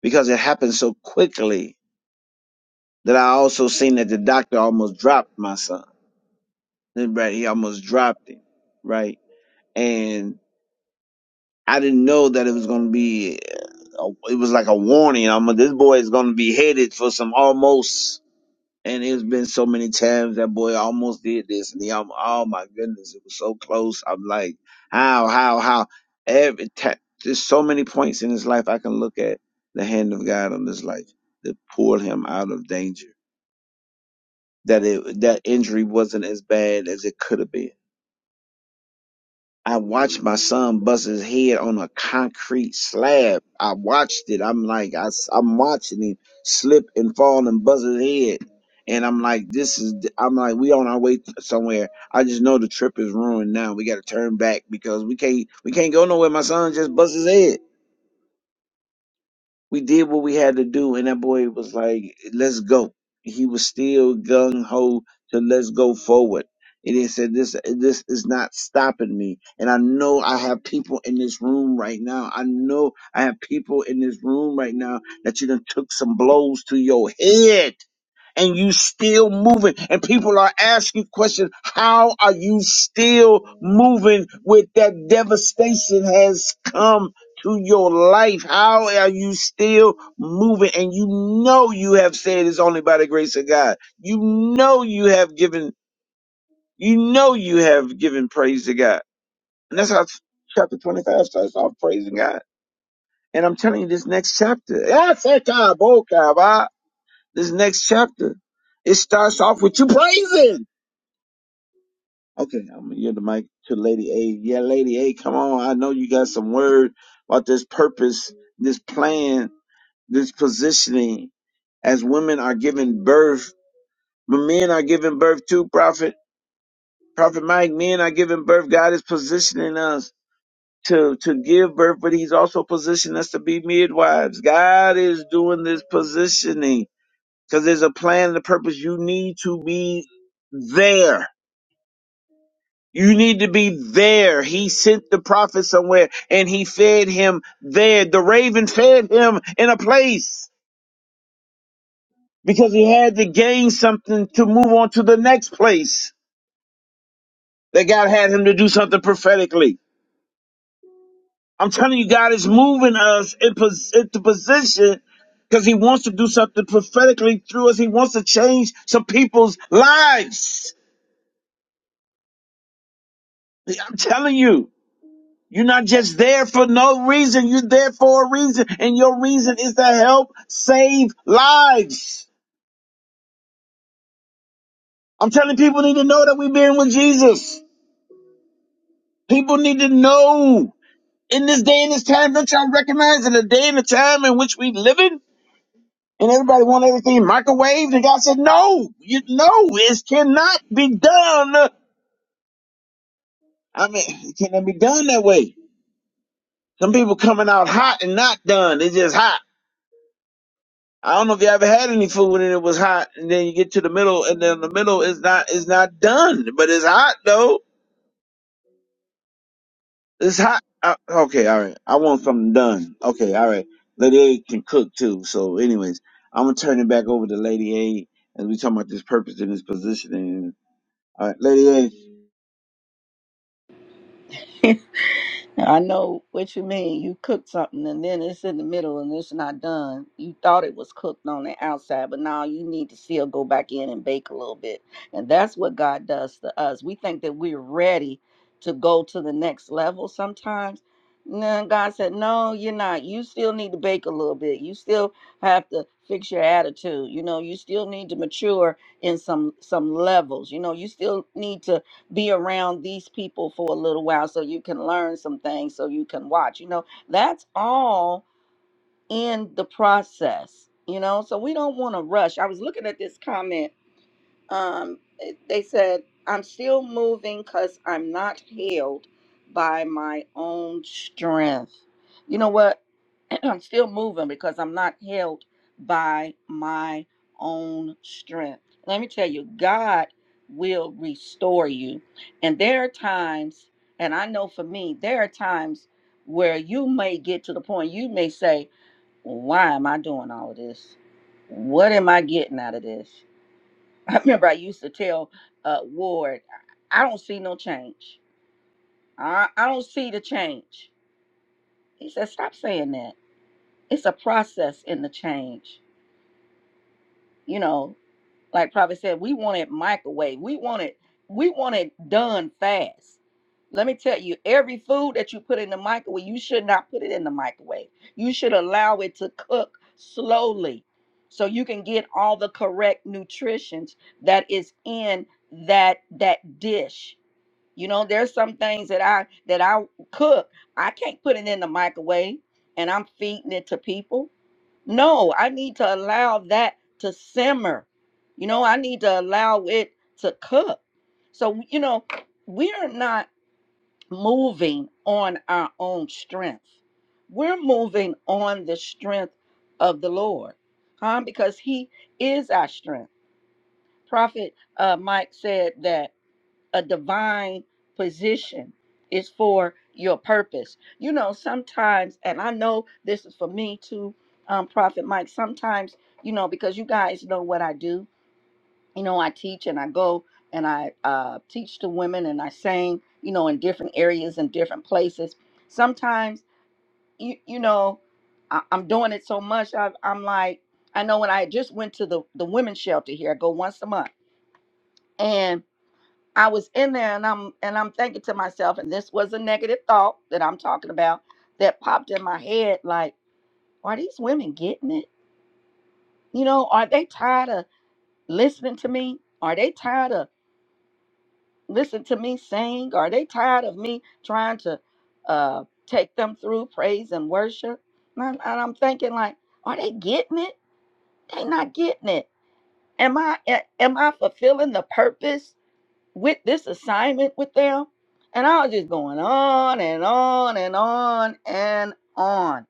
Speaker 1: because it happened so quickly that I also seen that the doctor almost dropped my son. Then, Right, he almost dropped him. Right. And I didn't know that it was going to be, a, it was like a warning. I'm, this boy is going to be headed for some almost And it's been so many times that boy almost did this, and he almost, oh my goodness, it was so close. I'm like, how, how, how? Every time, there's so many points in his life I can look at the hand of God on his life that pulled him out of danger. That it, that injury wasn't as bad as it could have been I watched my son bust his head on a concrete slab. I watched it. I'm like, I, am watching him slip and fall and buzz his head. And I'm like, this is, I'm like, we on our way t- somewhere. I just know the trip is ruined now. We got to turn back because we can't, we can't go nowhere. My son just bust his head we did what we had to do, and that boy was like, "Let's go." He was still gung ho to let's go forward. And he said, "This this is not stopping me." And I know I have people in this room right now. I know I have people in this room right now that you done took some blows to your head and you still moving and people are asking questions how are you still moving with that devastation has come to your life how are you still moving and you know you have said it's only by the grace of god you know you have given you know you have given praise to god and that's how chapter 25 starts off praising god and i'm telling you this next chapter this next chapter, it starts off with you praising. Okay, I'm gonna give the mic to Lady A. Yeah, Lady A, come on. I know you got some word about this purpose, this plan, this positioning. As women are giving birth, but men are giving birth too, Prophet. Prophet Mike, men are giving birth. God is positioning us to, to give birth, but He's also positioning us to be midwives. God is doing this positioning. because there's a plan and a purpose. You need to be there. You need to be there. He sent the prophet somewhere and he fed him there. The raven fed him in a place because he had to gain something to move on to the next place that God had him to do something prophetically. I'm telling you, God is moving us in pos- into position because he wants to do something prophetically through us. He wants to change some people's lives. I'm telling you. You're not just there for no reason. You're there for a reason. And your reason is to help save lives. I'm telling people need to know that we've been with Jesus. People need to know in this day and this time. Don't y'all recognize in the day and the time in which we live in? And everybody want everything microwaved. And God said, no, you no, it cannot be done. I mean, it cannot be done that way. Some people coming out hot and not done. It's just hot. I don't know if you ever had any food and it was hot, and then you get to the middle, and then the middle is not is not done, but it's hot though. It's hot. Uh, okay, all right. I want something done. Okay, all right. Lady A can cook too. So, anyways, I'm gonna turn it back over to Lady A as we talking about this purpose and this positioning. All right, Lady
Speaker 3: [laughs] I know what you mean. You cook something and then it's in the middle and it's not done. You thought it was cooked on the outside, but now you need to still go back in and bake a little bit. And that's what God does to us. We think that we're ready to go to the next level sometimes. And then God said, No, you're not. You still need to bake a little bit. You still have to fix your attitude. You know, you still need to mature in some some levels. You know, you still need to be around these people for a little while so you can learn some things so you can watch you know that's all in the process you know so we don't want to rush i was looking at this comment um it- they said i'm still moving cuz i'm not held by my own strength you know what [laughs] [clears throat] I'm still moving because I'm not held by my own strength. Let me tell you, God will restore you. And there are times, and I know for me, there are times where you may get to the point you may say, Why am I doing all of this? What am I getting out of this? [laughs] I remember I used to tell uh, Ward, I don't see no change. I, I don't see the change. He said, Stop saying that. It's a process in the change you know, like Prophet said, we want it microwave. We want it, we want it done fast. Let me tell you, every food that you put in the microwave, you should not put it in the microwave. You should allow it to cook slowly so you can get all the correct nutritions that is in that that dish. You know, there's some things that I that I cook, I can't put it in the microwave and I'm feeding it to people no, I need to allow that to simmer. You know, I need to allow it to cook. So, you know, we are not moving on our own strength. We're moving on the strength of the Lord, huh? Because He is our strength. Prophet uh, Mike said that a divine position is for your purpose. You know, sometimes, and I know this is for me too, um, Prophet Mike, sometimes, you know, because you guys know what I do, you know, I teach and I go and I uh, teach to women and I sing, you know, in different areas and different places. Sometimes, you, you know, I, I'm doing it so much, I, I'm like, I know when I just went to the, the women's shelter here, I go once a month. and. I was in there and I'm and I'm thinking to myself, and this was a negative thought that I'm talking about that popped in my head, like, are these women getting it? You know, are they tired of listening to me? Are they tired of listening to me sing? Are they tired of me trying to uh take them through praise and worship? And I'm, and I'm thinking like, are they getting it? They not getting it. Am I a- am I fulfilling the purpose with this assignment with them. And I was just going on and on and on and on.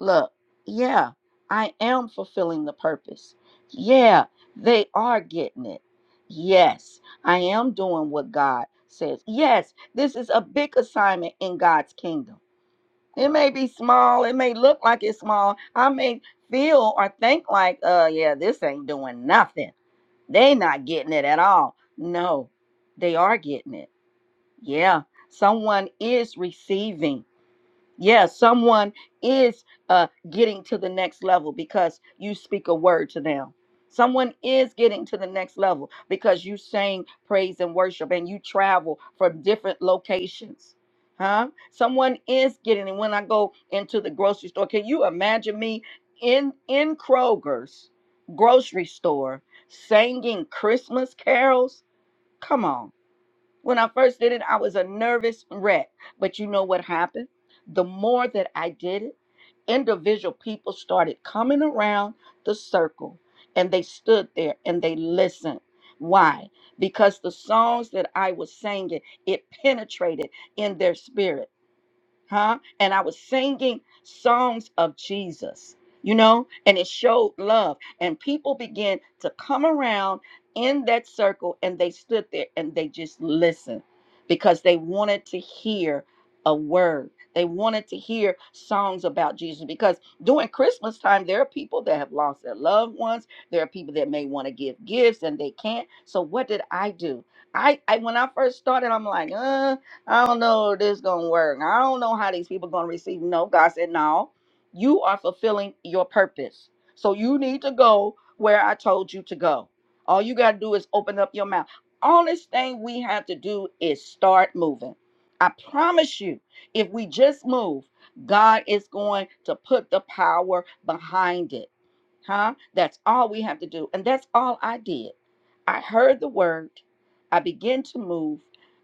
Speaker 3: Look, yeah, I am fulfilling the purpose. Yeah, they are getting it. Yes, I am doing what God says. Yes, this is a big assignment in God's kingdom. It may be small, it may look like it's small. I may feel or think like, uh, yeah, this ain't doing nothing. They not getting it at all. No, they are getting it yeah, someone is receiving. Yeah, someone is uh, getting to the next level because you speak a word to them. Someone is getting to the next level because you sing praise and worship and you travel from different locations. Huh? Someone is getting, and when I go into the grocery store, can you imagine me in in Kroger's grocery store singing Christmas carols? Come on. When I first did it, I was a nervous wreck. But you know what happened? The more that I did it, individual people started coming around the circle and they stood there and they listened. Why? Because the songs that I was singing, it penetrated in their spirit huh? And I was singing songs of Jesus, you know, and it showed love. And people began to come around in that circle and they stood there and they just listened because they wanted to hear a word. They wanted to hear songs about Jesus because during Christmas time, there are people that have lost their loved ones. There are people that may want to give gifts and they can't. So what did I do? I, I when I first started, I'm like, uh, I don't know if this gonna work. I don't know how these people gonna receive. No, God said, no, you are fulfilling your purpose. So you need to go where I told you to go. All you gotta do is open up your mouth. Honest thing we have to do is start moving. I promise you, if we just move, God is going to put the power behind it. Huh? That's all we have to do. And that's all I did. I heard the word. I began to move.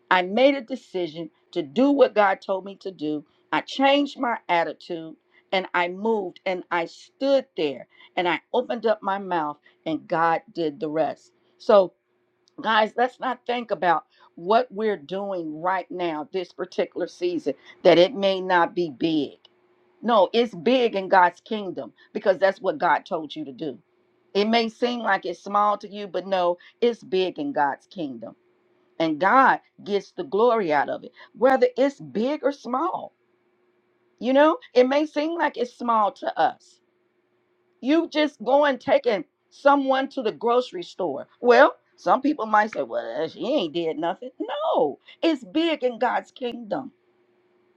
Speaker 3: I made a decision to do what God told me to do. I changed my attitude and I moved and I stood there and I opened up my mouth and God did the rest. So, guys, let's not think about what we're doing right now, this particular season, that it may not be big. No, it's big in God's kingdom because that's what God told you to do. It may seem like it's small to you, but no, it's big in God's kingdom and God gets the glory out of it, whether it's big or small. You know, it may seem like it's small to us. You just going taking someone to the grocery store. Well, some people might say, well, she ain't did nothing. No, it's big in God's kingdom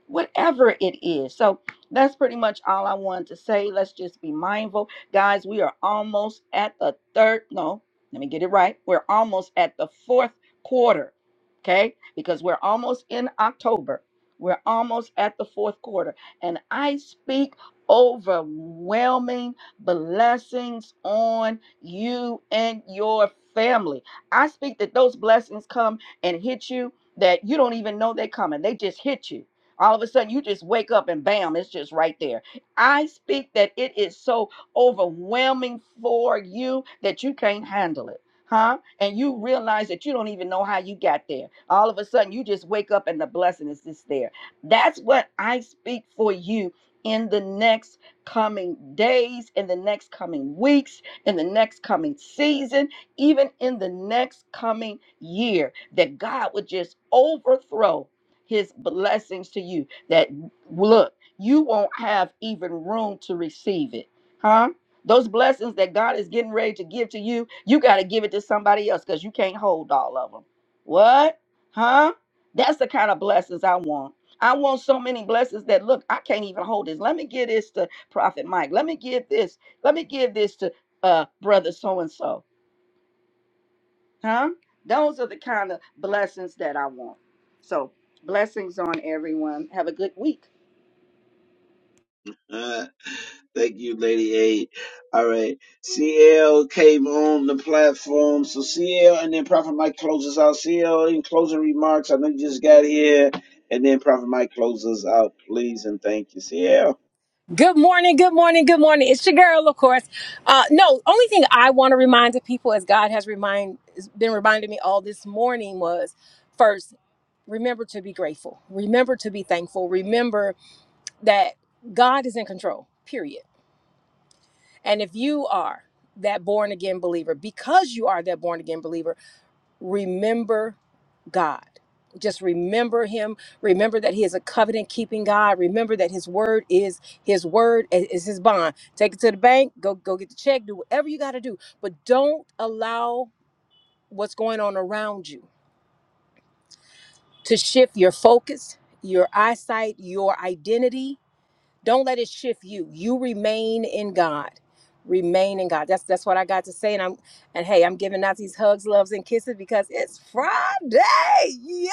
Speaker 3: whatever it is. So that's pretty much all I wanted to say. Let's just be mindful. Guys, we are almost at the third. No, let me get it right. We're almost at the fourth quarter. Okay? Because we're almost in October. We're almost at the fourth quarter. And I speak overwhelming blessings on you and your family. I speak that those blessings come and hit you that you don't even know they're coming. They just hit you all of a sudden, you just wake up and bam, it's just right there. I speak that it is so overwhelming for you that you can't handle it. Huh? And you realize that you don't even know how you got there. All of a sudden, you just wake up and the blessing is just there. That's what I speak for you in the next coming days, in the next coming weeks, in the next coming season, even in the next coming year, that God would just overthrow his blessings to you that look, you won't have even room to receive it. Huh? Those blessings that God is getting ready to give to you, you got to give it to somebody else because you can't hold all of them. What? Huh? That's the kind of blessings I want. I want so many blessings that look, I can't even hold this. Let me give this to Prophet Mike. Let me give this. Let me give this to uh brother so and so. Huh? Those are the kind of blessings that I want. So, blessings on everyone. Have a good week.
Speaker 1: A. Thank you, Lady A. All right. CL came on the platform. So CL and then Prophet Mike closes out. CL in closing remarks. I know you just got here. And then Prophet Mike closes out, please. And thank you, CL.
Speaker 4: Good morning, good morning, good morning. It's your girl, of course. Uh, no, only thing I want to remind the people, as God has remind has been reminding me all this morning, was first remember to be grateful, remember to be thankful, remember that God is in control. Period. And if you are that born again believer, because you are that born again believer remember God. Just remember him. Remember that he is a covenant keeping God. Remember that his word is his word i- is his bond. Take it to the bank, go go get the check, do whatever you got to do, but don't allow what's going on around you to shift your focus, your eyesight, your identity don't let it shift you. You remain in God. Remain in God. That's that's what I got to say. And I'm and hey, I'm giving out these hugs, loves, and kisses because it's Friday. Yeah.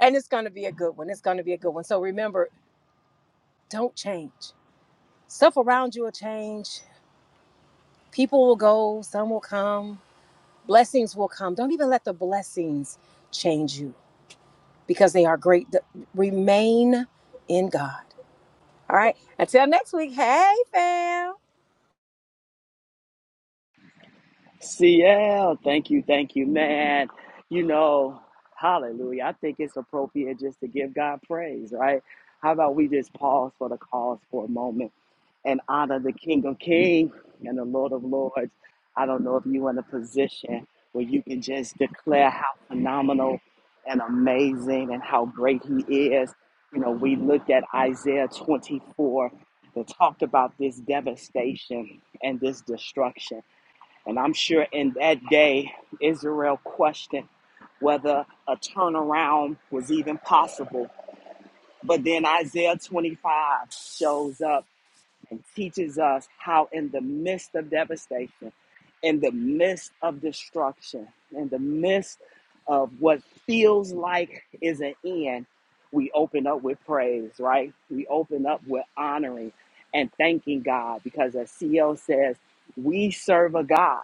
Speaker 4: And it's gonna be a good one. It's gonna be a good one. So remember, don't change. Stuff around you will change. People will go, some will come, blessings will come. Don't even let the blessings change you because they are great. The- Remain in God. All right. Until next week. Hey fam.
Speaker 2: CL, thank you, thank you, man. You know, hallelujah. I think it's appropriate just to give God praise, right? How about we just pause for the cause for a moment and honor the King of Kings and the Lord of Lords? I don't know if you're in a position where you can just declare how phenomenal and amazing and how great He is. You know, we looked at Isaiah 24 that talked about this devastation and this destruction. And I'm sure in that day, Israel questioned whether a turnaround was even possible. But then Isaiah 25 shows up and teaches us how, in the midst of devastation, in the midst of destruction, in the midst of what feels like is an end, we open up with praise, right? We open up with honoring and thanking God because, as CL says, we serve a God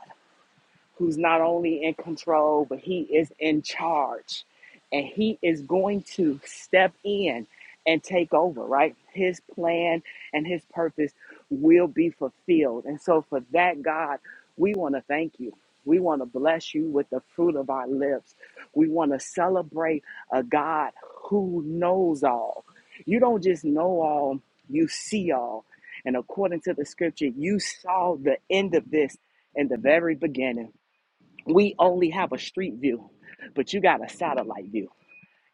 Speaker 2: who's not only in control, but he is in charge. And he is going to step in and take over, right? His plan and his purpose will be fulfilled. And so, for that, God, we want to thank you. We want to bless you with the fruit of our lips. We want to celebrate a God who knows all. You don't just know all, you see all. And according to the scripture, you saw the end of this in the very beginning. We only have a street view, but you got a satellite view.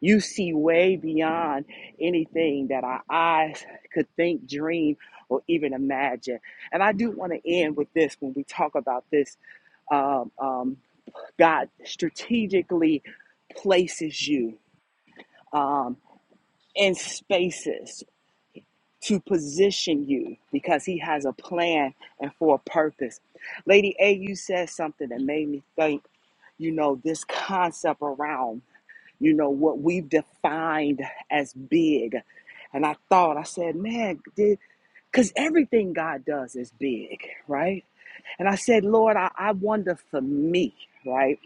Speaker 2: You see way beyond anything that our eyes could think, dream, or even imagine. And I do want to end with this when we talk about this. Um, um, God strategically places you um, in spaces to position you because He has a plan and for a purpose. Lady A, you said something that made me think, you know, this concept around. you know, what we've defined as big. And I thought, I said, man, did, because everything God does is big, right? And I said, Lord, I, I wonder for me, right?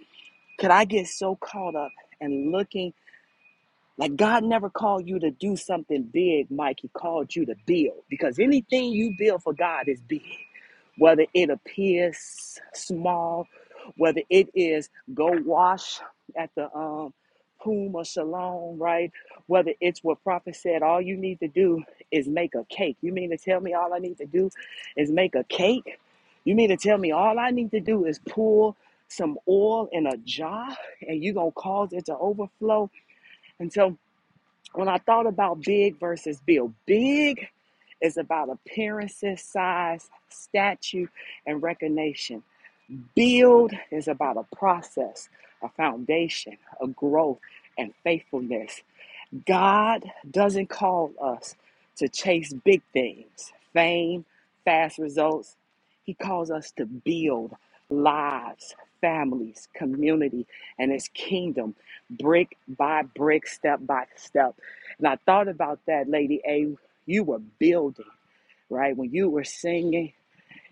Speaker 2: Could I get so caught up and looking? Like God never called you to do something big, Mike. He called you to build because anything you build for God is big. Whether it appears small, whether it is go wash at the um Puma Shalom, right? Whether it's what prophet said, all you need to do is make a cake. You mean to tell me all I need to do is make a cake? You mean to tell me all I need to do is pour some oil in a jar and you're gonna cause it to overflow? And so when I thought about big versus build, big is about appearances, size, statue, and recognition. Build is about a process, a foundation, a growth, and faithfulness. God doesn't call us to chase big things, fame, fast results. He calls us to build lives, families, community, and His kingdom brick by brick, step by step. And I thought about that, Lady A. You were building, right? When you were singing,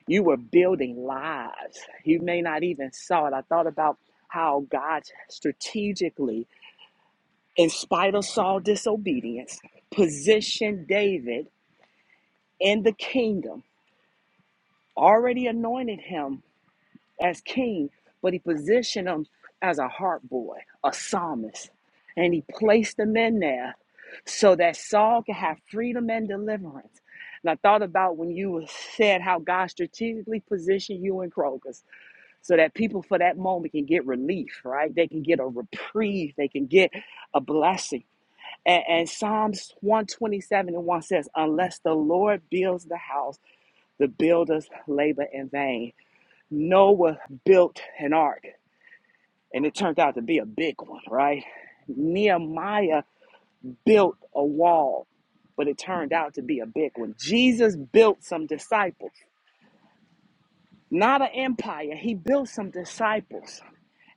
Speaker 2: you were building lives. You may not even saw it. I thought about how God strategically in spite of Saul's disobedience, positioned David in the kingdom, already anointed him as king, but he positioned him as a harp boy, a psalmist, and he placed him in there so that Saul could have freedom and deliverance. And I thought about when you said how God strategically positioned you in Kroger's so that people for that moment can get relief, right? They can get a reprieve, they can get a blessing. And, and Psalms 127 and 1 says, Unless the Lord builds the house, the builders labor in vain. Noah built an ark, and it turned out to be a big one, right? Nehemiah built a wall, but it turned out to be a big one. Jesus built some disciples, not an empire. He built some disciples,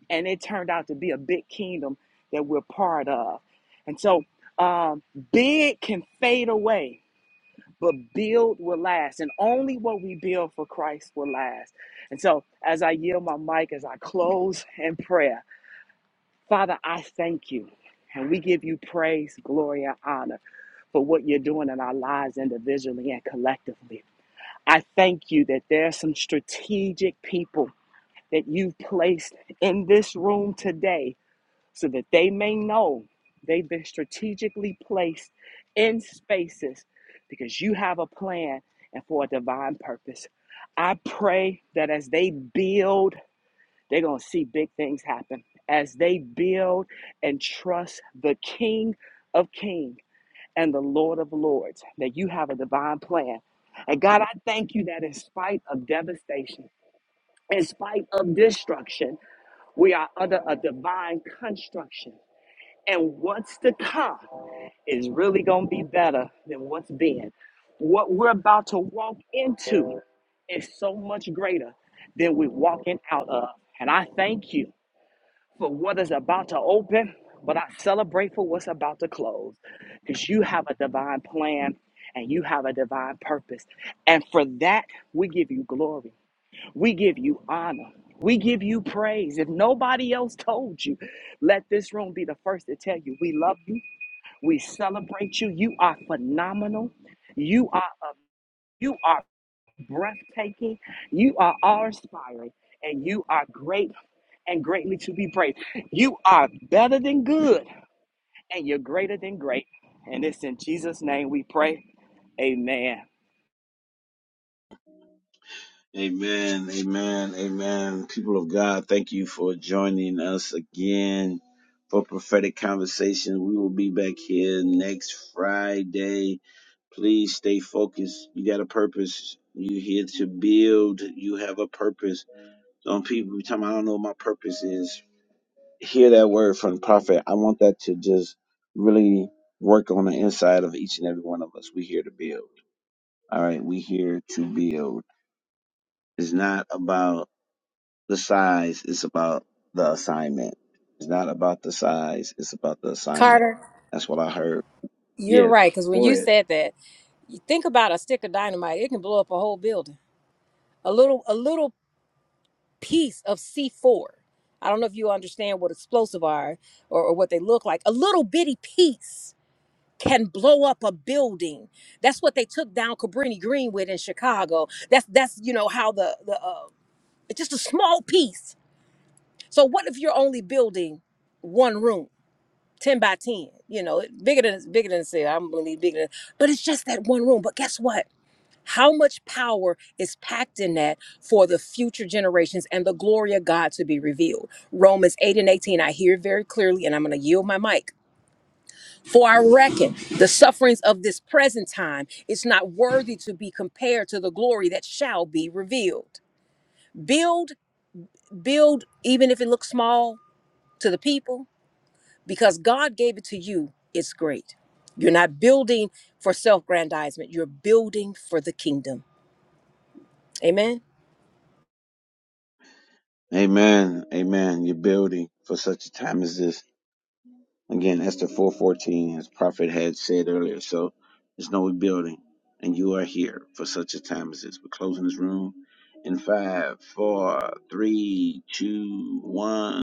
Speaker 2: and it turned out to be a big kingdom that we're part of. And so, um, big can fade away but build will last and only what we build for christ will last and so as i yield my mic as i close [laughs] in prayer father i thank you and we give you praise glory and honor for what you're doing in our lives individually and collectively i thank you that there are some strategic people that you've placed in this room today so that they may know they've been strategically placed in spaces because you have a plan and for a divine purpose. I pray that as they build, they're going to see big things happen. As they build and trust the King of Kings and the Lord of Lords, that you have a divine plan. And God, I thank you that in spite of devastation, in spite of destruction, we are under a divine construction and what's to come is really going to be better than what's been. What we're about to walk into is so much greater than we're walking out of. And I thank you for what is about to open, but I celebrate for what's about to close because you have a divine plan and you have a divine purpose. And for that, we give you glory, we give you honor. We give you praise. If nobody else told you, let this room be the first to tell you we love you we celebrate you. You are phenomenal. You are a, you are breathtaking. You are awe-inspiring, and you are great and greatly to be praised. You are better than good, and you're greater than great. And it's in Jesus' name we pray. Amen.
Speaker 1: Amen, amen, amen. People of God, thank you for joining us again for prophetic conversation. We will be back here next Friday. Please stay focused. You got a purpose. You here to build. You have a purpose. Some people be talking, I don't know what my purpose is. Hear that word from prophet. I want that to just really work on the inside of each and every one of us. We here to build. All right. We here to build. It's not about the size is about the assignment. It's not about the size, it's about the assignment.
Speaker 4: Carter.
Speaker 1: That's what I heard.
Speaker 4: You're
Speaker 1: Yes.
Speaker 4: right, because when
Speaker 1: Go
Speaker 4: you
Speaker 1: ahead.
Speaker 4: said that, you think about a stick of dynamite, it can blow up a whole building. A little a little piece of C4. I don't know if you understand what explosive are or, or what they look like. A little bitty piece can blow up a building. That's what they took down Cabrini Green with in Chicago. That's that's you know how the the uh, it's just a small piece. So what if you're only building one room, ten by ten? You know, bigger than bigger than say I'm gonna need bigger than, but it's just that one room. But guess what? How much power is packed in that for the future generations and the glory of God to be revealed? Romans 8 and 18, I hear very clearly, and I'm going to yield my mic. For I reckon the sufferings of this present time is not worthy to be compared to the glory that shall be revealed. Build, build, even if it looks small to the people, because God gave it to you, it's great. You're not building for self grandizement, you're building for the kingdom. Amen.
Speaker 1: Amen. Amen. You're building for such a time as this. Again, Esther 414, as Prophet had said earlier. So there's no rebuilding. And you are here for such a time as this. We're closing this room in five, four, three, two, one.